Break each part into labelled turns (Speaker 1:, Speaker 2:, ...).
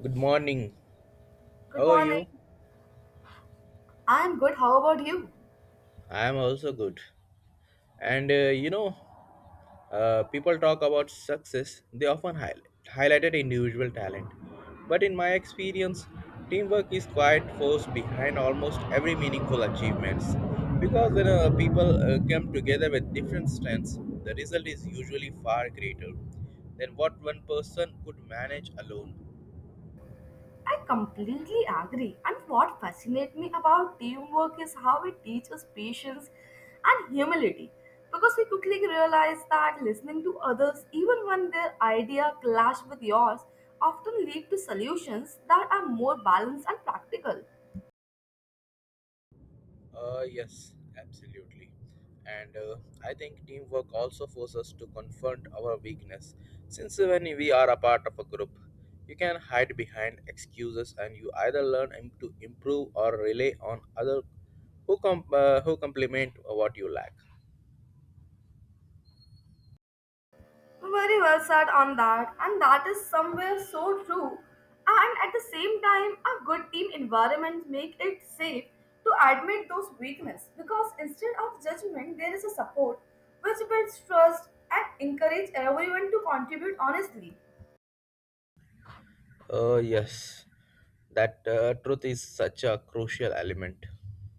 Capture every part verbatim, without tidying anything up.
Speaker 1: Good morning.
Speaker 2: Good
Speaker 1: How are
Speaker 2: morning.
Speaker 1: you?
Speaker 2: I'm good. How about you?
Speaker 1: I am also good. And uh, you know, uh, people talk about success, they often highlight highlighted individual talent. But in my experience, teamwork is quite force behind almost every meaningful achievements. Because when uh, people uh, come together with different strengths, the result is usually far greater than what one person could manage alone.
Speaker 2: I completely agree. And what fascinates me about teamwork is how it teaches patience and humility. Because we quickly realize that listening to others, even when their idea clash with yours, often lead to solutions that are more balanced and practical.
Speaker 1: Uh, yes, absolutely. And uh, I think teamwork also forces us to confront our weakness. Since when we are a part of a group, you can hide behind excuses and you either learn im- to improve or rely on other who, com- uh, who complement what you lack.
Speaker 2: Very well said on that, and that is somewhere so true. And at the same time, a good team environment make it safe to admit those weakness because instead of judgment, there is a support which builds trust and encourage everyone to contribute honestly.
Speaker 1: Uh, yes, that uh, truth is such a crucial element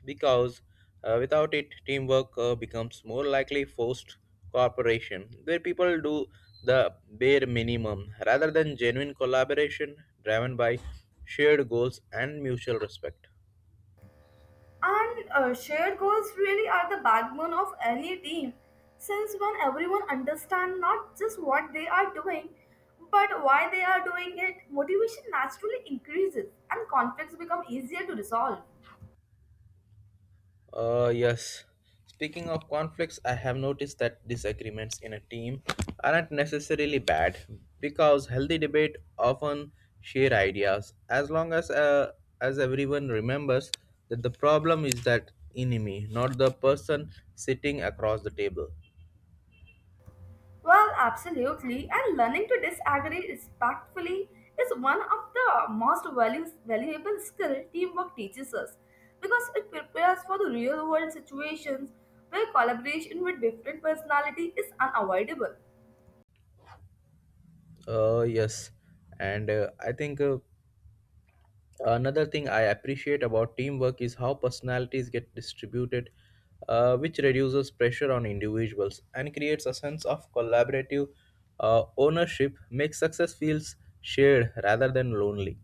Speaker 1: because uh, without it, teamwork uh, becomes more likely forced cooperation where people do the bare minimum rather than genuine collaboration driven by shared goals and mutual respect.
Speaker 2: And uh, shared goals really are the backbone of any team, since when everyone understands not just what they are doing, but why they are doing it, motivation naturally increases and conflicts become easier to resolve.
Speaker 1: Uh, yes. Speaking of conflicts, I have noticed that disagreements in a team aren't necessarily bad because healthy debate often share ideas as long as uh, as everyone remembers that the problem is that enemy, not the person sitting across the table.
Speaker 2: Well, absolutely, and learning to disagree respectfully is one of the most values, valuable skill teamwork teaches us because it prepares for the real world situations where collaboration with different personality is unavoidable.
Speaker 1: Uh, yes, and uh, I think uh, Another thing I appreciate about teamwork is how personalities get distributed, uh, which reduces pressure on individuals and creates a sense of collaborative uh, ownership, makes success feels shared rather than lonely.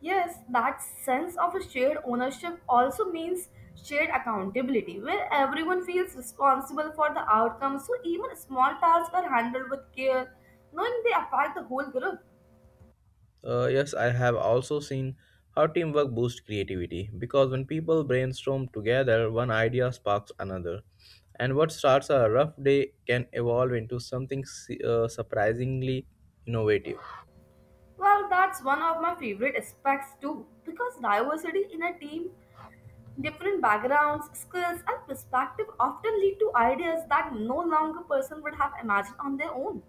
Speaker 2: Yes, that sense of a shared ownership also means shared accountability, where everyone feels responsible for the outcome, so even small tasks are handled with care, knowing they affect the whole group.
Speaker 1: Uh, yes, I have also seen how teamwork boosts creativity because when people brainstorm together, one idea sparks another, and what starts a rough day can evolve into something s- uh, surprisingly innovative.
Speaker 2: Well, that's one of my favorite aspects too, because diversity in a team, different backgrounds, skills, and perspective often lead to ideas that no longer person would have imagined on their own.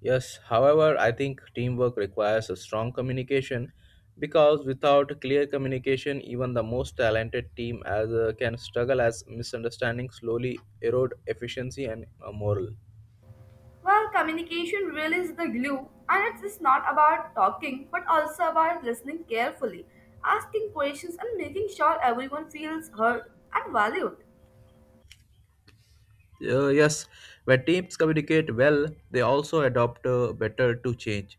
Speaker 1: Yes, however, I think teamwork requires a strong communication because without clear communication, even the most talented team as uh, can struggle as misunderstandings slowly erode efficiency and uh, morale.
Speaker 2: Well, communication really is the glue, and it's just not about talking but also about listening carefully, asking questions, and making sure everyone feels heard and valued.
Speaker 1: Uh, yes, when teams communicate well, they also adopt uh, better to change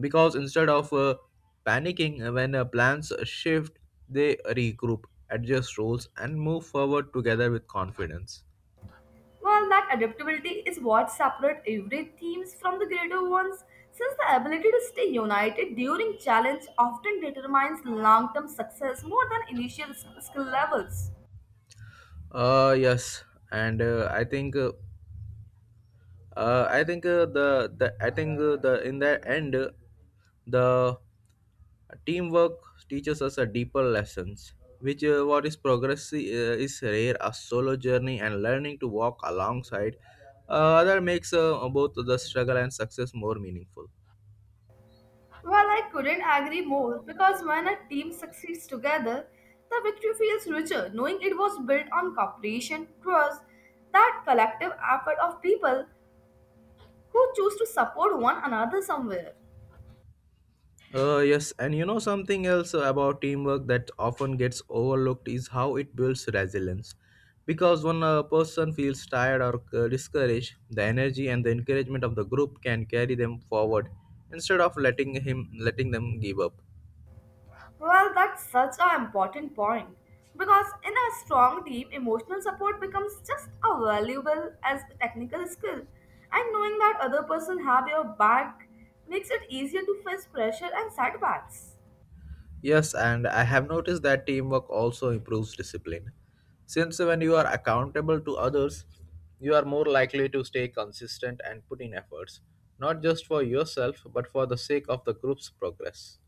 Speaker 1: because instead of uh, panicking uh, when uh, plans shift, they regroup, adjust roles, and move forward together with confidence.
Speaker 2: Well, that adaptability is what separates every teams from the greater ones, since the ability to stay united during challenge often determines long-term success more than initial s- skill levels.
Speaker 1: Uh yes, and uh, I think uh, uh, I think uh, the the I think uh, the in the end uh, the teamwork teaches us a deeper lessons, which uh, what is progress uh, is rare a solo journey and learning to walk alongside uh, that makes uh, both the struggle and success more meaningful.
Speaker 2: Well, I couldn't agree more because when a team succeeds together, the victory feels richer knowing it was built on cooperation, trust, that collective effort of people who choose to support one another somewhere.
Speaker 1: Uh, yes, and you know something else about teamwork that often gets overlooked is how it builds resilience. Because when a person feels tired or uh, discouraged, the energy and the encouragement of the group can carry them forward instead of letting him letting them give up.
Speaker 2: Well, that's such an important point because in a strong team, emotional support becomes just as valuable as technical skill, and knowing that other person have your back makes it easier to face pressure and setbacks.
Speaker 1: Yes, and I have noticed that teamwork also improves discipline. Since when you are accountable to others, you are more likely to stay consistent and put in efforts, not just for yourself but for the sake of the group's progress.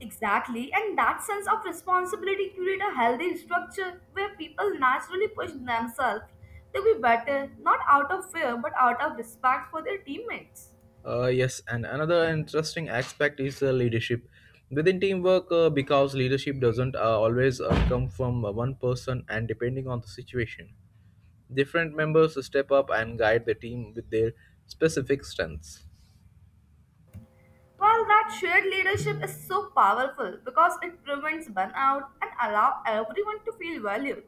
Speaker 2: Exactly, and that sense of responsibility create a healthy structure where people naturally push themselves to be better, not out of fear but out of respect for their teammates.
Speaker 1: Uh, yes, and another interesting aspect is uh, leadership. Within teamwork, uh, because leadership doesn't uh, always uh, come from uh, one person, and depending on the situation, different members step up and guide the team with their specific strengths.
Speaker 2: While that shared leadership is so powerful because it prevents burnout and allow everyone to feel valued,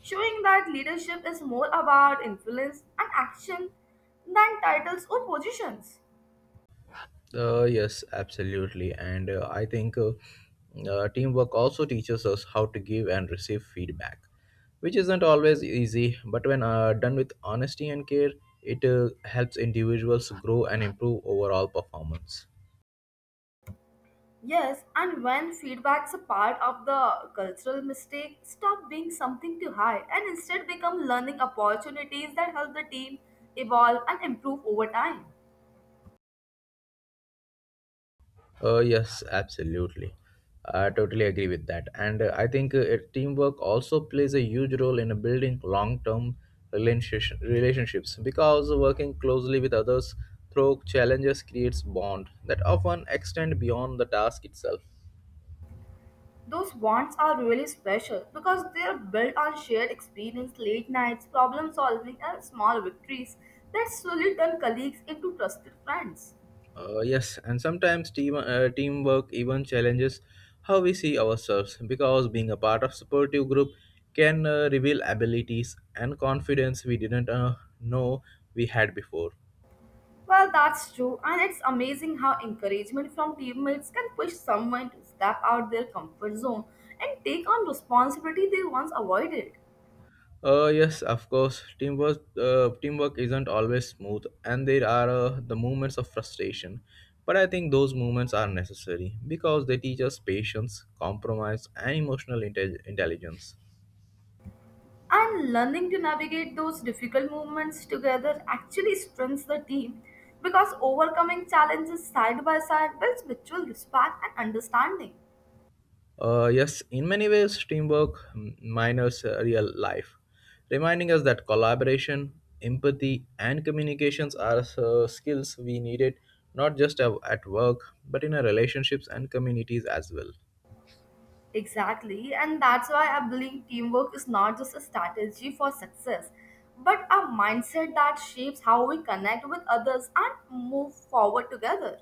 Speaker 2: showing that leadership is more about influence and action than titles or positions.
Speaker 1: Uh, yes, absolutely, and uh, I think uh, uh, teamwork also teaches us how to give and receive feedback, which isn't always easy. But when uh, done with honesty and care, it uh, helps individuals grow and improve overall performance.
Speaker 2: Yes, and when feedback's a part of the cultural mistake, stop being something to hide and instead become learning opportunities that help the team evolve and improve over time.
Speaker 1: Uh, yes, absolutely. I totally agree with that. And uh, I think uh, it- Teamwork also plays a huge role in building long term relationship, relationships because working closely with others through challenges creates bond that often extend beyond the task itself.
Speaker 2: Those bonds are really special because they are built on shared experience, late nights, problem solving, and small victories that slowly turn colleagues into trusted friends.
Speaker 1: Uh, yes, and sometimes team uh, teamwork even challenges how we see ourselves because being a part of supportive group can uh, reveal abilities and confidence we didn't uh, know we had before.
Speaker 2: Well, that's true, and it's amazing how encouragement from teammates can push someone to step out their comfort zone and take on responsibility they once avoided.
Speaker 1: Uh, yes, of course. Teamwork, uh, teamwork isn't always smooth, and there are uh, the moments of frustration. But I think those moments are necessary because they teach us patience, compromise, and emotional inte- intelligence.
Speaker 2: And learning to navigate those difficult moments together actually strengthens the team because overcoming challenges side by side builds mutual respect and understanding.
Speaker 1: Uh, yes, in many ways, teamwork m- minors uh, real life, reminding us that collaboration, empathy, and communications are uh, skills we needed not just at at work but in our relationships and communities as well.
Speaker 2: Exactly, and that's why I believe teamwork is not just a strategy for success, but a mindset that shapes how we connect with others and move forward together.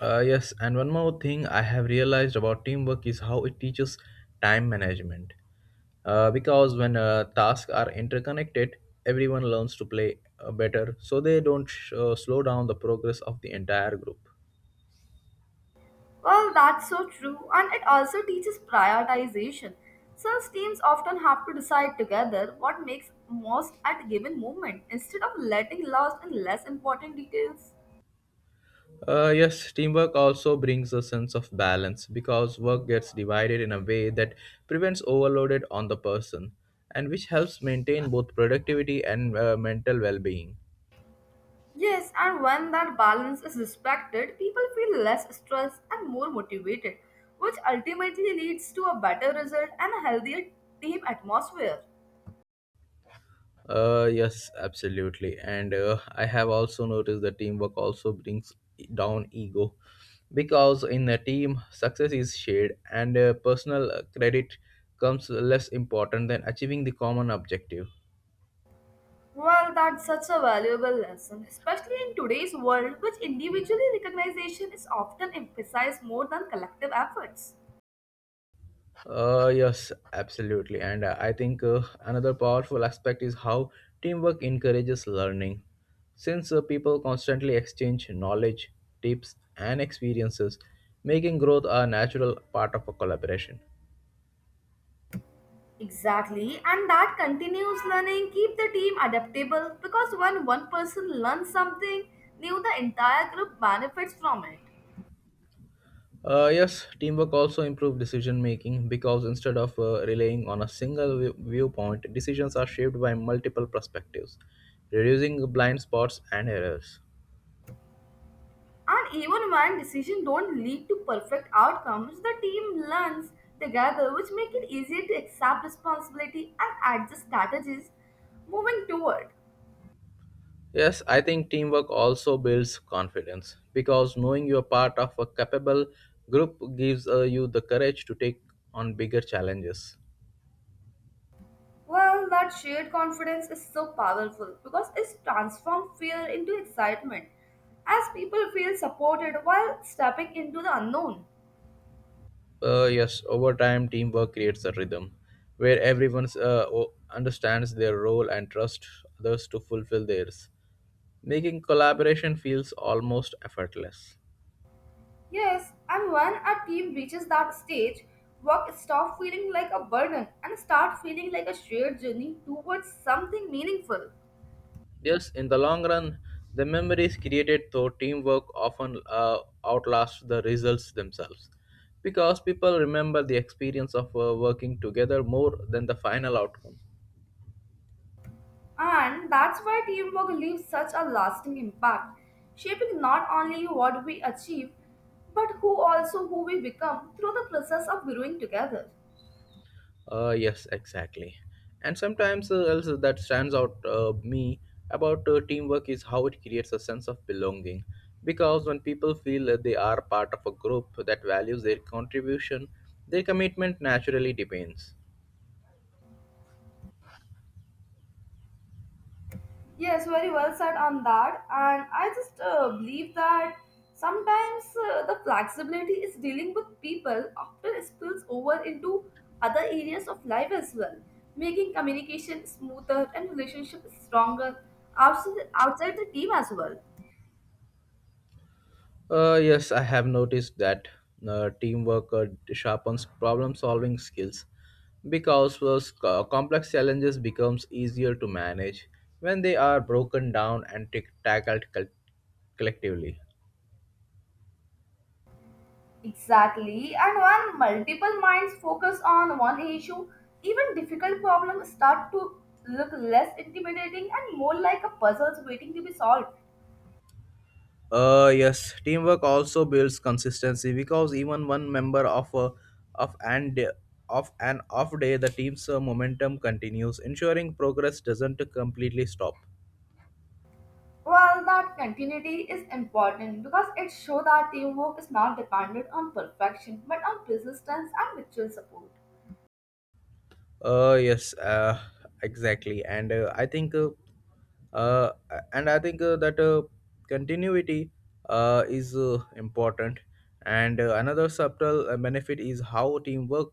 Speaker 1: Uh, yes, and one more thing I have realized about teamwork is how it teaches time management. Uh, because when uh, tasks are interconnected, everyone learns to play uh, better so they don't sh- uh, slow down the progress of the entire group.
Speaker 2: Well, that's so true, and it also teaches prioritization. Since teams often have to decide together what makes most at a given moment instead of letting lost in less important details.
Speaker 1: Uh, yes, teamwork also brings a sense of balance because work gets divided in a way that prevents overloaded on the person and which helps maintain both productivity and uh, mental well being.
Speaker 2: Yes, and when that balance is respected, people feel less stressed and more motivated, which ultimately leads to a better result and a healthier team atmosphere.
Speaker 1: Uh, yes, absolutely. And uh, I have also noticed that teamwork also brings e, down ego because in a team, success is shared and uh, personal uh, credit comes less important than achieving the common objective.
Speaker 2: Well, that's such a valuable lesson, especially in today's world, which individually recognition is often emphasized more than collective efforts.
Speaker 1: Uh, yes, absolutely. And uh, I think uh, Another powerful aspect is how teamwork encourages learning. Since uh, people constantly exchange knowledge, tips, and experiences, making growth a natural part of a collaboration.
Speaker 2: Exactly, and that continuous learning keep the team adaptable because when one person learns something new, the entire group benefits from it.
Speaker 1: Uh, yes, teamwork also improves decision making because instead of uh, relying on a single view- viewpoint, decisions are shaped by multiple perspectives, reducing blind spots and errors.
Speaker 2: And even when decisions don't lead to perfect outcomes, the team learns together, which make it easier to accept responsibility and adjust strategies moving toward.
Speaker 1: Yes, I think teamwork also builds confidence because knowing you're part of a capable group gives uh, you the courage to take on bigger challenges.
Speaker 2: Well, that shared confidence is so powerful because it's transformed fear into excitement as people feel supported while stepping into the unknown.
Speaker 1: Uh, yes, over time, teamwork creates a rhythm where everyone uh, o- understands their role and trusts others to fulfill theirs, making collaboration feels almost effortless.
Speaker 2: Yes, and when a team reaches that stage, work stops feeling like a burden and start feeling like a shared journey towards something meaningful.
Speaker 1: Yes, in the long run, the memories created through teamwork often uh, outlast the results themselves because people remember the experience of uh, working together more than the final outcome.
Speaker 2: And that's why teamwork leaves such a lasting impact, shaping not only what we achieve, but who also who we become through the process of growing together.
Speaker 1: Uh, yes, exactly. And sometimes uh, else that stands out uh, me about uh, teamwork is how it creates a sense of belonging. Because when people feel that they are part of a group that values their contribution, their commitment naturally depends.
Speaker 2: Yes, very well said on that. And I just uh, believe that sometimes uh, the flexibility is dealing with people often spills over into other areas of life as well, making communication smoother and relationship stronger outside, outside the team as well.
Speaker 1: Uh, yes, I have noticed that uh, teamwork uh, sharpens problem-solving skills because those co- complex challenges becomes easier to manage when they are broken down and tac- tackled col- collectively.
Speaker 2: Exactly, and when multiple minds focus on one issue, even difficult problems start to look less intimidating and more like a puzzles waiting to be solved.
Speaker 1: Uh, yes, teamwork also builds consistency because even one member of a of and of an off day, the team's uh, momentum continues, ensuring progress doesn't completely stop.
Speaker 2: Well, that continuity is important because it shows that teamwork is not dependent on perfection but on persistence and mutual support.
Speaker 1: Uh, yes, uh, exactly. And uh, I think, uh, uh, and I think uh, that uh, Continuity uh, is uh, important. And uh, Another subtle uh, benefit is how teamwork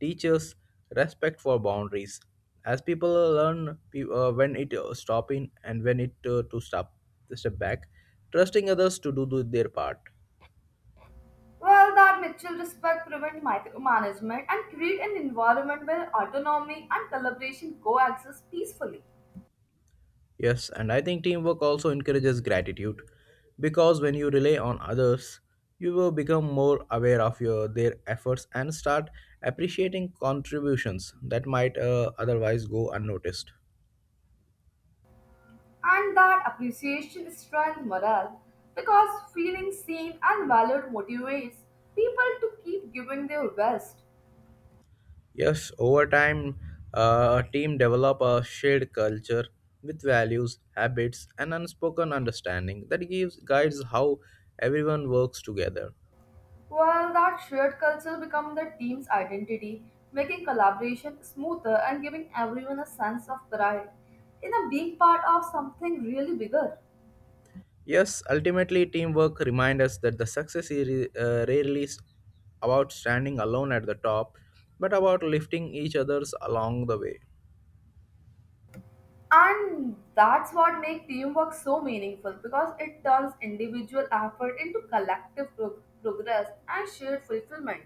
Speaker 1: teaches respect for boundaries. As people learn pe- uh, when it uh, stop in and when it uh, to stop to step back, trusting others to do, do their part.
Speaker 2: Well, that mutual respect prevents micromanagement and create an environment where autonomy and collaboration coexist peacefully.
Speaker 1: Yes, and I think teamwork also encourages gratitude because when you rely on others, you will become more aware of your their efforts and start appreciating contributions that might uh, otherwise go unnoticed.
Speaker 2: And that appreciation strengthens morale because feeling seen and valued motivates people to keep giving their best.
Speaker 1: Yes, over time, uh, a team develop a shared culture with values, habits, and unspoken understanding that gives guides how everyone works together.
Speaker 2: While that shared culture becomes the team's identity, making collaboration smoother and giving everyone a sense of pride in a being part of something really bigger.
Speaker 1: Yes, ultimately, teamwork reminds us that the success is uh, rarely s- about standing alone at the top, but about lifting each other's along the way.
Speaker 2: And that's what makes teamwork so meaningful because it turns individual effort into collective pro- progress and shared fulfillment.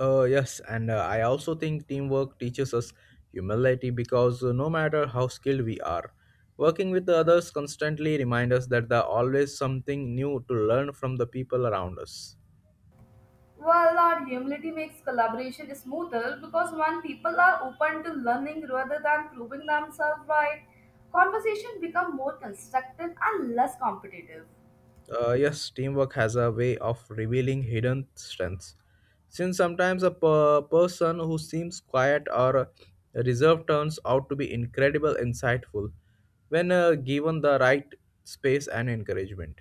Speaker 1: Uh, yes, and uh, I also think teamwork teaches us humility because uh, no matter how skilled we are, working with the others constantly reminds us that there are always something new to learn from the people around us.
Speaker 2: Well, our humility makes collaboration smoother because when people are open to learning rather than proving themselves right, conversation become more constructive and less competitive.
Speaker 1: Uh, yes, teamwork has a way of revealing hidden strengths. Since sometimes a per- person who seems quiet or reserved turns out to be incredible insightful when uh, given the right space and encouragement.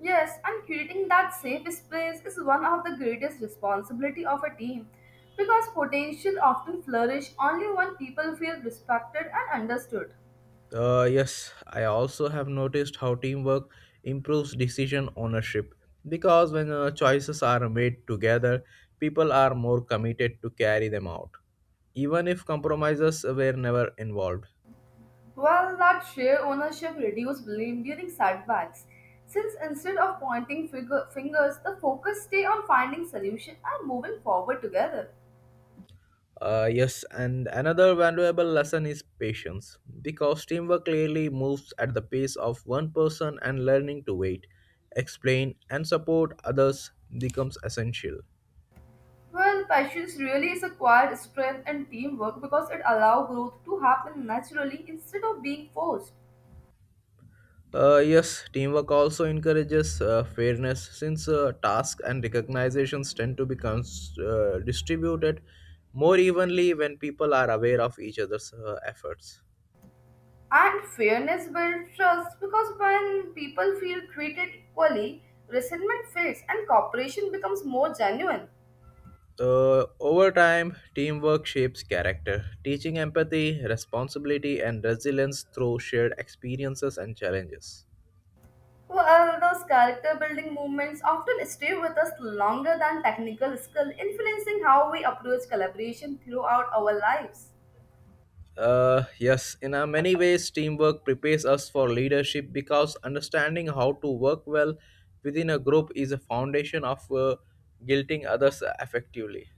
Speaker 2: Yes, and creating that safe space is one of the greatest responsibility of a team because potential often flourish only when people feel respected and understood.
Speaker 1: Uh, yes, I also have noticed how teamwork improves decision ownership because when uh, choices are made together, people are more committed to carry them out, even if compromises were never involved.
Speaker 2: Well, that share ownership reduces blame during setbacks, since instead of pointing finger- fingers, the focus stay on finding solution and moving forward together.
Speaker 1: Uh, yes, and another valuable lesson is patience because teamwork clearly moves at the pace of one person, and learning to wait, explain, and support others becomes essential.
Speaker 2: Well, patience really is acquired strength and teamwork because it allows growth to happen naturally instead of being forced.
Speaker 1: Uh, yes, teamwork also encourages uh, fairness since uh, tasks and recognizations tend to be cons- uh, distributed more evenly when people are aware of each other's uh, efforts.
Speaker 2: And fairness builds trust because when people feel treated equally, resentment fades and cooperation becomes more genuine.
Speaker 1: Uh, over time, teamwork shapes character, teaching empathy, responsibility, and resilience through shared experiences and challenges.
Speaker 2: Well, those character building movements often stay with us longer than technical skill, influencing how we approach collaboration throughout our lives.
Speaker 1: Uh, yes, in a many ways, teamwork prepares us for leadership because understanding how to work well within a group is a foundation of uh, guilting others effectively.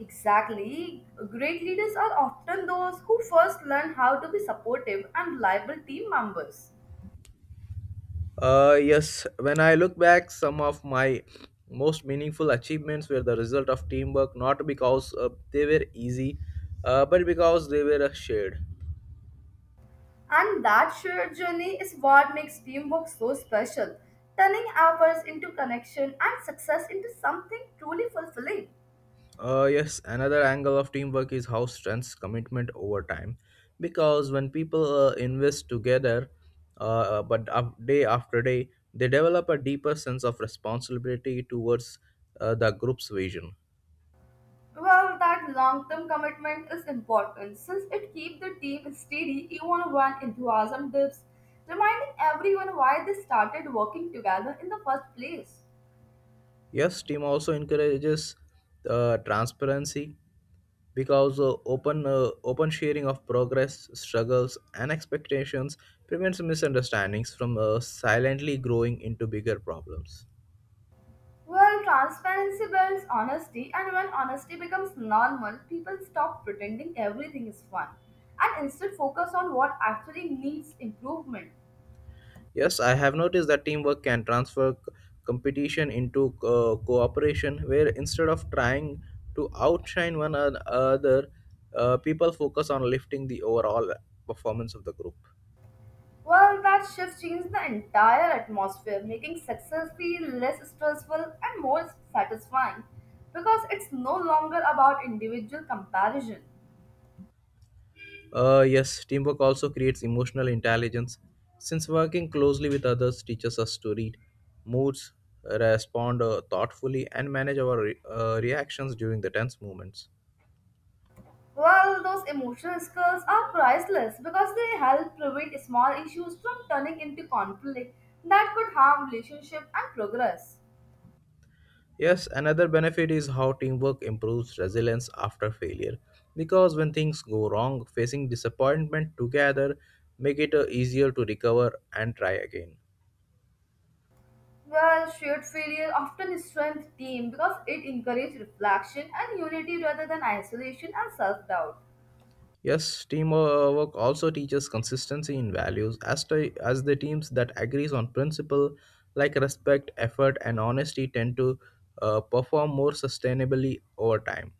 Speaker 2: Exactly. Great leaders are often those who first learn how to be supportive and reliable team members.
Speaker 1: Uh, yes, when I look back, some of my most meaningful achievements were the result of teamwork, not because uh, they were easy, uh, but because they were uh, shared.
Speaker 2: And that shared journey is what makes teamwork so special, turning efforts into connection and success into something truly fulfilling.
Speaker 1: Uh, yes, another angle of teamwork is how strengths commitment over time. Because when people uh, invest together, uh, uh, but up day after day, they develop a deeper sense of responsibility towards uh, the group's vision.
Speaker 2: Well, that long-term commitment is important since it keeps the team steady even when enthusiasm dips, reminding everyone why they started working together in the first place.
Speaker 1: Yes, team also encourages uh, transparency because uh, open uh, open sharing of progress struggles and expectations prevents misunderstandings from uh, silently growing into bigger problems.
Speaker 2: Well, transparency builds honesty, and when honesty becomes normal, people stop pretending everything is fun and instead focus on what actually needs improvement.
Speaker 1: Yes, I have noticed that teamwork can transfer c- competition into uh, cooperation where instead of trying to outshine one another, uh, people focus on lifting the overall performance of the group.
Speaker 2: Well, that shift changed the entire atmosphere, making success feel less stressful and more satisfying because it's no longer about individual comparison.
Speaker 1: Uh, yes, teamwork also creates emotional intelligence since working closely with others teaches us to read moods, respond uh, thoughtfully, and manage our re- uh, reactions during the tense moments.
Speaker 2: Well, those emotional skills are priceless because they help prevent small issues from turning into conflict that could harm relationship and progress.
Speaker 1: Yes, another benefit is how teamwork improves resilience after failure because when things go wrong, facing disappointment together make it uh, easier to recover and try again.
Speaker 2: Well, shared failure often strengthens team because it encourages reflection and unity rather than isolation and self-doubt.
Speaker 1: Yes, teamwork also teaches consistency in values as, to, as the teams that agrees on principle like respect, effort and honesty tend to uh, perform more sustainably over time.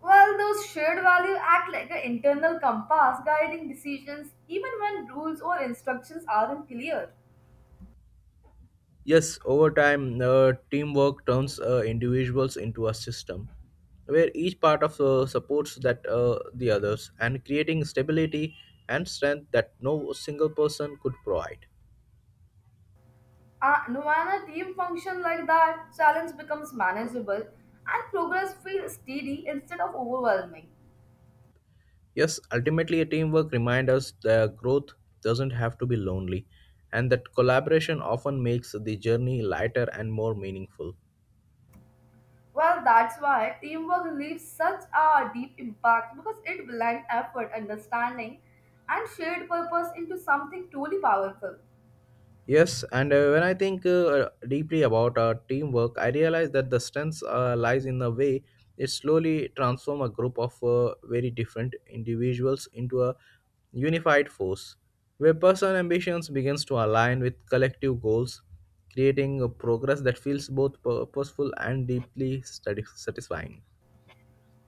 Speaker 2: Well, those shared values act like an internal compass guiding decisions even when rules or instructions aren't clear.
Speaker 1: Yes, over time, uh, teamwork turns uh, individuals into a system where each part of uh, supports that uh, the others and creating stability and strength that no single person could provide.
Speaker 2: Uh, and when a team function like that, challenge becomes manageable and progress feels steady instead of overwhelming.
Speaker 1: Yes, ultimately, a teamwork reminds us that growth doesn't have to be lonely, and that collaboration often makes the journey lighter and more meaningful.
Speaker 2: Well, that's why teamwork leaves such a deep impact because it blends effort, understanding, and shared purpose into something truly powerful.
Speaker 1: Yes, and uh, when I think uh, uh, deeply about our teamwork, I realize that the strength uh, lies in the way it slowly transforms a group of uh, very different individuals into a unified force, where personal ambitions begins to align with collective goals, creating a progress that feels both purposeful and deeply sati- satisfying.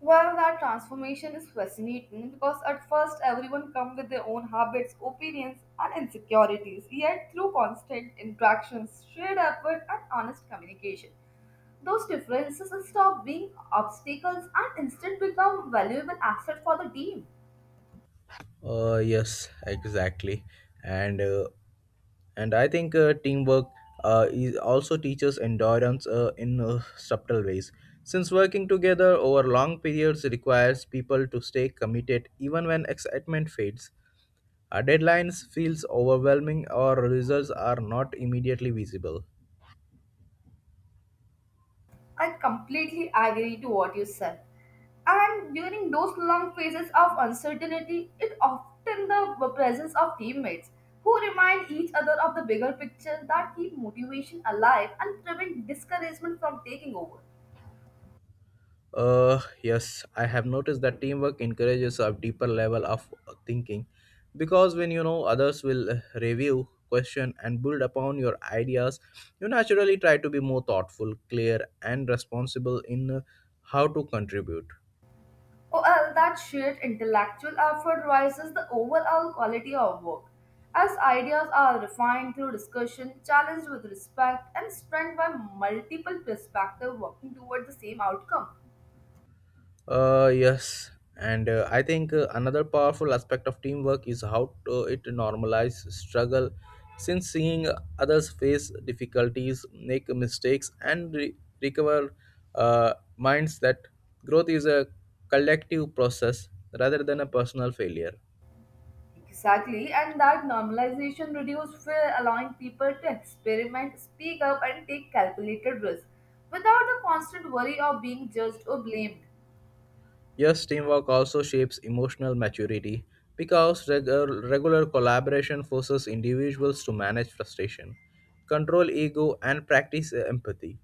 Speaker 2: Well, that transformation is fascinating because at first everyone comes with their own habits, opinions, and insecurities. Yet, through constant interactions, shared effort, and honest communication, those differences stop being obstacles and instead become valuable asset for the team.
Speaker 1: Uh, yes, exactly. And uh, and I think uh, teamwork uh, is also teaches endurance uh, in uh, subtle ways. Since working together over long periods requires people to stay committed even when excitement fades, our deadlines feels overwhelming or results are not immediately visible.
Speaker 2: I completely agree to what you said. And during those long phases of uncertainty, it often the presence of teammates who remind each other of the bigger picture that keep motivation alive and prevent discouragement from taking over.
Speaker 1: Uh, yes, I have noticed that teamwork encourages a deeper level of thinking because when you know others will uh, review, question, and build upon your ideas, you naturally try to be more thoughtful, clear, and responsible in uh, how to contribute.
Speaker 2: Or else that shared intellectual effort rises the overall quality of work. As ideas are refined through discussion, challenged with respect, and strengthened by multiple perspectives working toward the same outcome.
Speaker 1: Uh, yes, and uh, I think uh, another powerful aspect of teamwork is how to, it normalizes struggle. Since seeing others face difficulties, make mistakes, and re- recover, uh, minds that growth is a collective process rather than a personal failure.
Speaker 2: Exactly, and that normalization reduced fear, allowing people to experiment, speak up, and take calculated risks without the constant worry of being judged or blamed.
Speaker 1: Yes, teamwork also shapes emotional maturity because regu- regular collaboration forces individuals to manage frustration, control ego, and practice empathy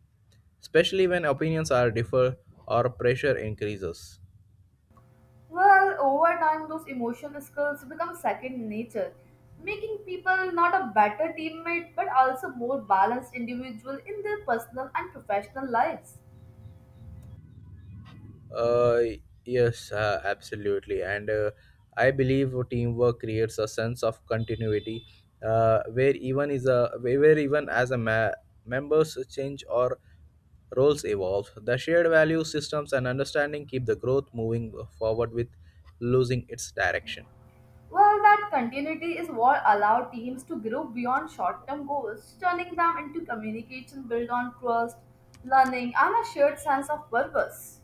Speaker 1: especially when opinions are differ or pressure increases.
Speaker 2: Well, over time, those emotional skills become second nature, making people not a better teammate but also more balanced individual in their personal and professional lives.
Speaker 1: uh, yes uh, Absolutely, and uh, I believe teamwork creates a sense of continuity uh, where even is a where even as a ma- members change or roles evolve, the shared value systems and understanding keep the growth moving forward with losing its direction.
Speaker 2: Well, that continuity is what allows teams to grow beyond short term goals, turning them into communication built on trust, learning, and a shared sense of purpose.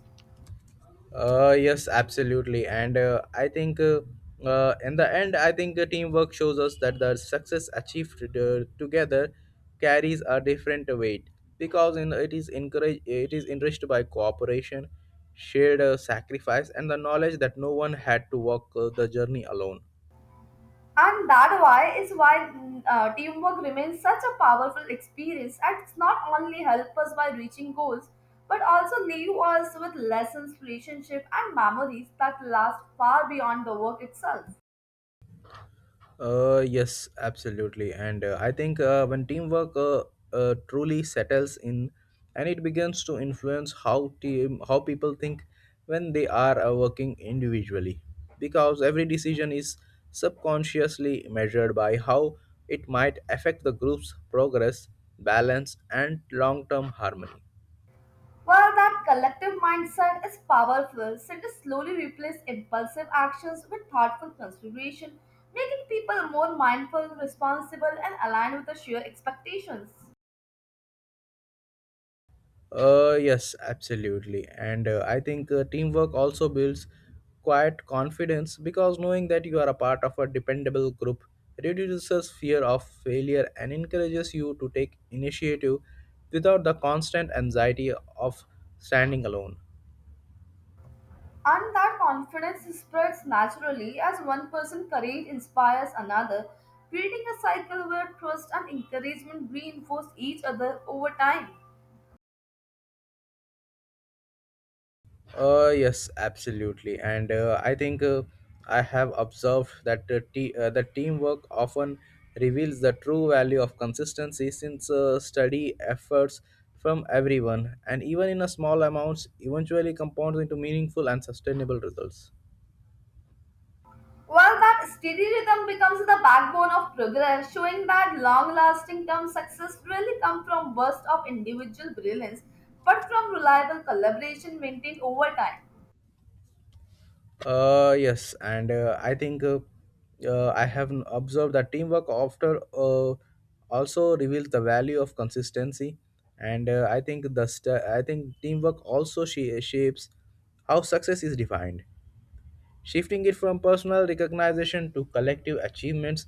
Speaker 1: Uh, yes, absolutely. And uh, I think uh, uh, In the end, I think uh, teamwork shows us that the success achieved uh, together carries a different weight because in, it is encouraged, it is enriched by cooperation, shared uh, sacrifice, and the knowledge that no one had to walk uh, the journey alone.
Speaker 2: And that why is why mm, uh, teamwork remains such a powerful experience and it's not only help us by reaching goals but also leave us with lessons, relationship and memories that last far beyond the work itself.
Speaker 1: Uh, yes, absolutely. And uh, I think uh, when teamwork uh, uh, truly settles in, and it begins to influence how team how people think when they are uh, working individually, because every decision is subconsciously measured by how it might affect the group's progress, balance, and long-term harmony.
Speaker 2: While that collective mindset is powerful since it slowly replaces impulsive actions with thoughtful consideration, making people more mindful, responsible, and aligned with the shared expectations.
Speaker 1: Uh, yes, absolutely. And uh, I think uh, teamwork also builds quiet confidence because knowing that you are a part of a dependable group reduces fear of failure and encourages you to take initiative without the constant anxiety of standing alone.
Speaker 2: And that confidence spreads naturally as one person's courage inspires another, creating a cycle where trust and encouragement reinforce each other over time.
Speaker 1: Uh, yes, absolutely, and uh, I think uh, I have observed that uh, te- uh, the teamwork often reveals the true value of consistency since uh, study efforts from everyone and even in a small amounts eventually compounds into meaningful and sustainable results.
Speaker 2: Well, that steady rhythm becomes the backbone of progress, showing that long lasting term success really come from bursts of individual brilliance, but from reliable collaboration maintained over time.
Speaker 1: Uh, yes, and uh, I think uh, uh, I have n- observed that teamwork after uh, also reveals the value of consistency, and uh, I think the st- I think teamwork also sh- shapes how success is defined, shifting it from personal recognition to collective achievements,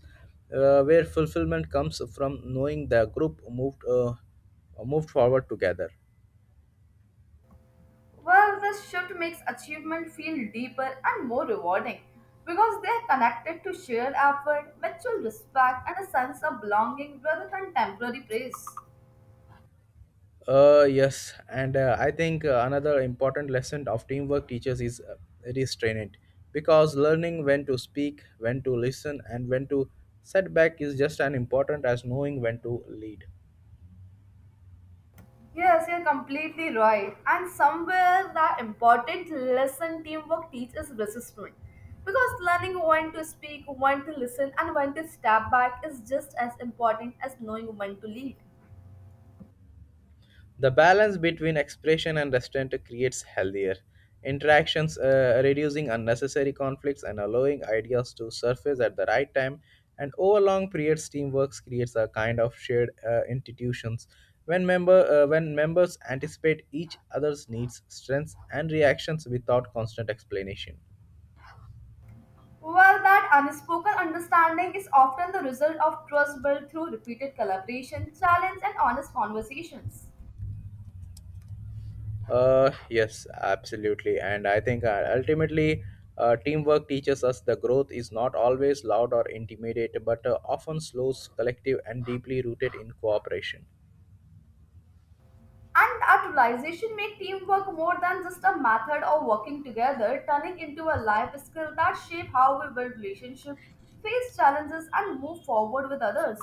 Speaker 1: uh, where fulfillment comes from knowing the group moved uh, moved forward together.
Speaker 2: Well, this shift makes achievement feel deeper and more rewarding because they are connected to shared effort, mutual respect, and a sense of belonging rather than temporary praise.
Speaker 1: Uh, yes, and uh, I think uh, another important lesson of teamwork teachers is uh, restraint, because learning when to speak, when to listen, and when to set back is just as important as knowing when to lead.
Speaker 2: Yes, you're completely right. And somewhere the important lesson teamwork teaches resistance. Because learning when to speak, when to listen, and when to step back is just as important as knowing when to lead.
Speaker 1: The balance between expression and restraint creates healthier interactions, uh, reducing unnecessary conflicts and allowing ideas to surface at the right time. And over long periods, teamwork creates a kind of shared uh, institutions. When member uh, when members anticipate each other's needs, strengths, and reactions without constant explanation.
Speaker 2: Well, that unspoken understanding is often the result of trust built through repeated collaboration, challenge, and honest conversations.
Speaker 1: Uh, yes, absolutely. And I think uh, ultimately, uh, teamwork teaches us the growth is not always loud or intimidating, but uh, often slows, collective, and deeply rooted in cooperation.
Speaker 2: And that realization made teamwork more than just a method of working together, turning into a life skill that shape how we build relationships, face challenges, and move forward with others.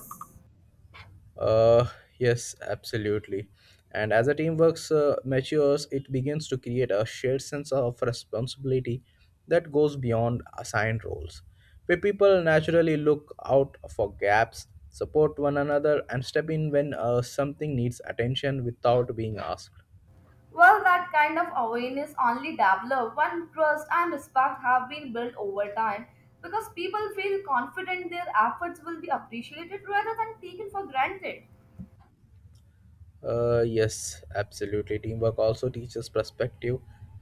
Speaker 1: Uh, yes, absolutely. And as a teamwork uh, matures, it begins to create a shared sense of responsibility that goes beyond assigned roles, where people naturally look out for gaps, support one another, and step in when uh, something needs attention without being asked.
Speaker 2: Well, that kind of awareness only developed when trust and respect have been built over time because people feel confident their efforts will be appreciated rather than taken for granted.
Speaker 1: Uh, yes, absolutely. Teamwork also teaches perspective.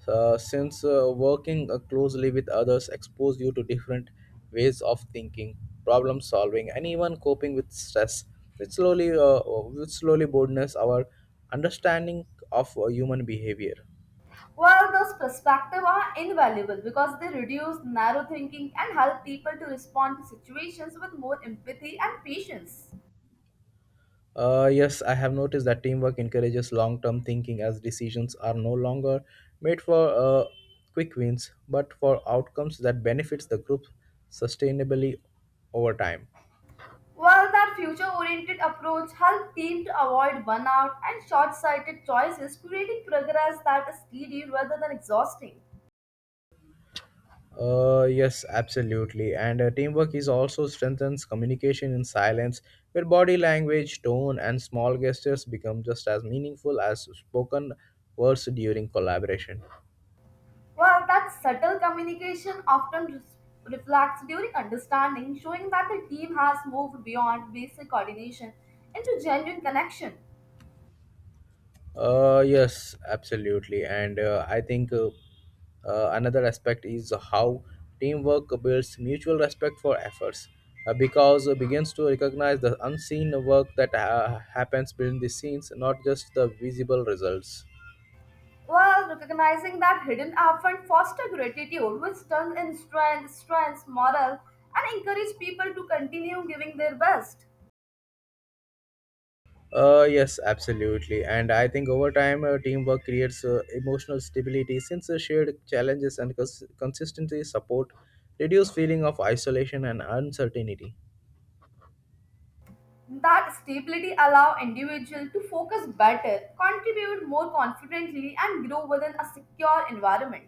Speaker 1: Uh, since uh, working uh, closely with others expose you to different ways of thinking, problem solving, and even coping with stress, which slowly, uh, which slowly broadens our understanding of uh, human behavior.
Speaker 2: Well, those perspectives are invaluable because they reduce narrow thinking and help people to respond to situations with more empathy and patience.
Speaker 1: Uh, yes, I have noticed that teamwork encourages long term thinking as decisions are no longer made for uh, quick wins but for outcomes that benefits the group sustainably over time.
Speaker 2: Well, that future-oriented approach helps teams to avoid burnout and short-sighted choices, creating progress that is steady rather than exhausting.
Speaker 1: Uh, yes, absolutely. And uh, teamwork is also strengthens communication in silence, where body language, tone, and small gestures become just as meaningful as spoken words during collaboration.
Speaker 2: Well, that subtle communication often res- reflects during understanding, showing that the team has moved beyond basic coordination into genuine connection.
Speaker 1: Uh, yes, absolutely. And uh, I think uh, uh, another aspect is how teamwork builds mutual respect for efforts uh, because it begins to recognize the unseen work that uh, happens behind the scenes, not just the visible results.
Speaker 2: Well, recognizing that hidden affluent foster gratitude, which turns in strength, strengths, moral, and encourage people to continue giving their best.
Speaker 1: Uh, yes, absolutely. And I think over time, uh, teamwork creates uh, emotional stability since uh, shared challenges and cons- consistency support reduce feeling of isolation and uncertainty.
Speaker 2: That stability allow individual to focus better, contribute more confidently, and grow within a secure environment.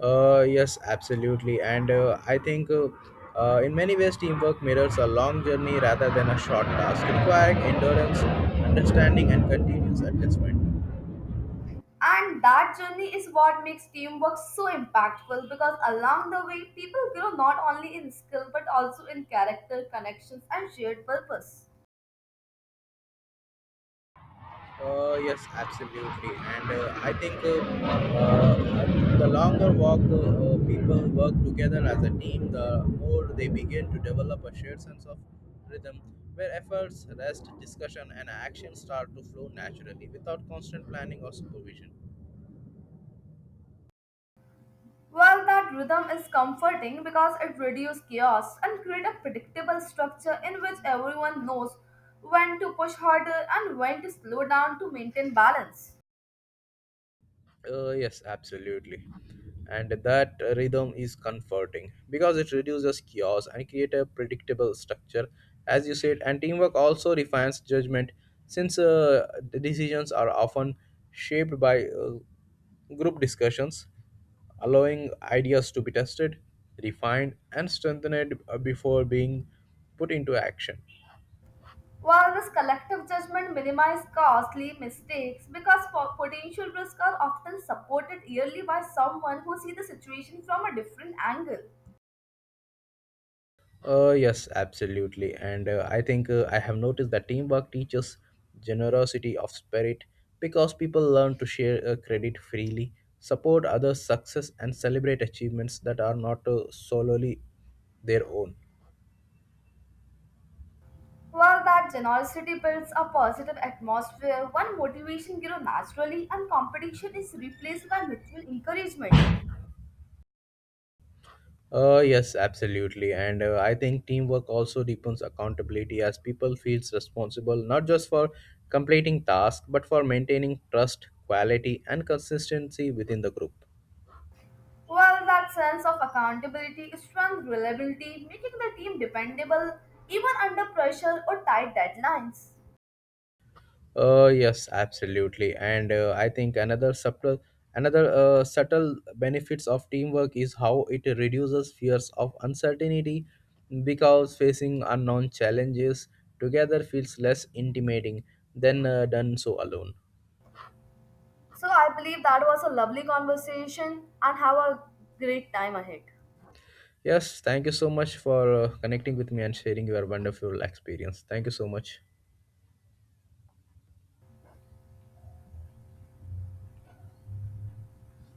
Speaker 1: Uh, yes, absolutely. And uh, I think uh, uh, in many ways, teamwork mirrors a long journey rather than a short task, requiring endurance, understanding, and continuous adjustment.
Speaker 2: And that journey is what makes teamwork so impactful because along the way, people grow not only in skill but also in character, connections, and shared purpose.
Speaker 1: Uh, yes, absolutely. And uh, I think uh, uh, the longer walk uh, uh, people work together as a team, the more they begin to develop a shared sense of rhythm where efforts, rest, discussion, and action start to flow naturally without constant planning or supervision.
Speaker 2: Well, that rhythm is comforting because it reduces chaos and creates a predictable structure in which everyone knows when to push harder and when to slow down to maintain balance.
Speaker 1: Uh, yes, absolutely. And that rhythm is comforting because it reduces chaos and create a predictable structure, as you said. And teamwork also refines judgment since uh, the decisions are often shaped by uh, group discussions, allowing ideas to be tested, refined, and strengthened uh, before being put into action.
Speaker 2: While this collective judgment minimizes costly mistakes because po- potential risks are often supported yearly by someone who sees the situation from a different angle.
Speaker 1: Uh, yes, absolutely. And uh, I think uh, I have noticed that teamwork teaches generosity of spirit because people learn to share uh, credit freely, support others' success, and celebrate achievements that are not uh, solely their own.
Speaker 2: While that generosity builds a positive atmosphere, one motivation grows naturally and competition is replaced by mutual encouragement.
Speaker 1: Uh, yes, absolutely. And uh, I think teamwork also deepens accountability as people feels responsible not just for completing tasks but for maintaining trust, quality, and consistency within the group.
Speaker 2: Well, that sense of accountability strengthens reliability, making the team dependable even under pressure or tight deadlines.
Speaker 1: Uh, yes, absolutely. And uh, I think another subtle, another uh, subtle benefits of teamwork is how it reduces fears of uncertainty, because facing unknown challenges together feels less intimidating than uh, done so alone.
Speaker 2: So, I believe that was a lovely conversation and have a great time ahead.
Speaker 1: Yes, thank you so much for uh, connecting with me and sharing your wonderful experience. Thank you so much.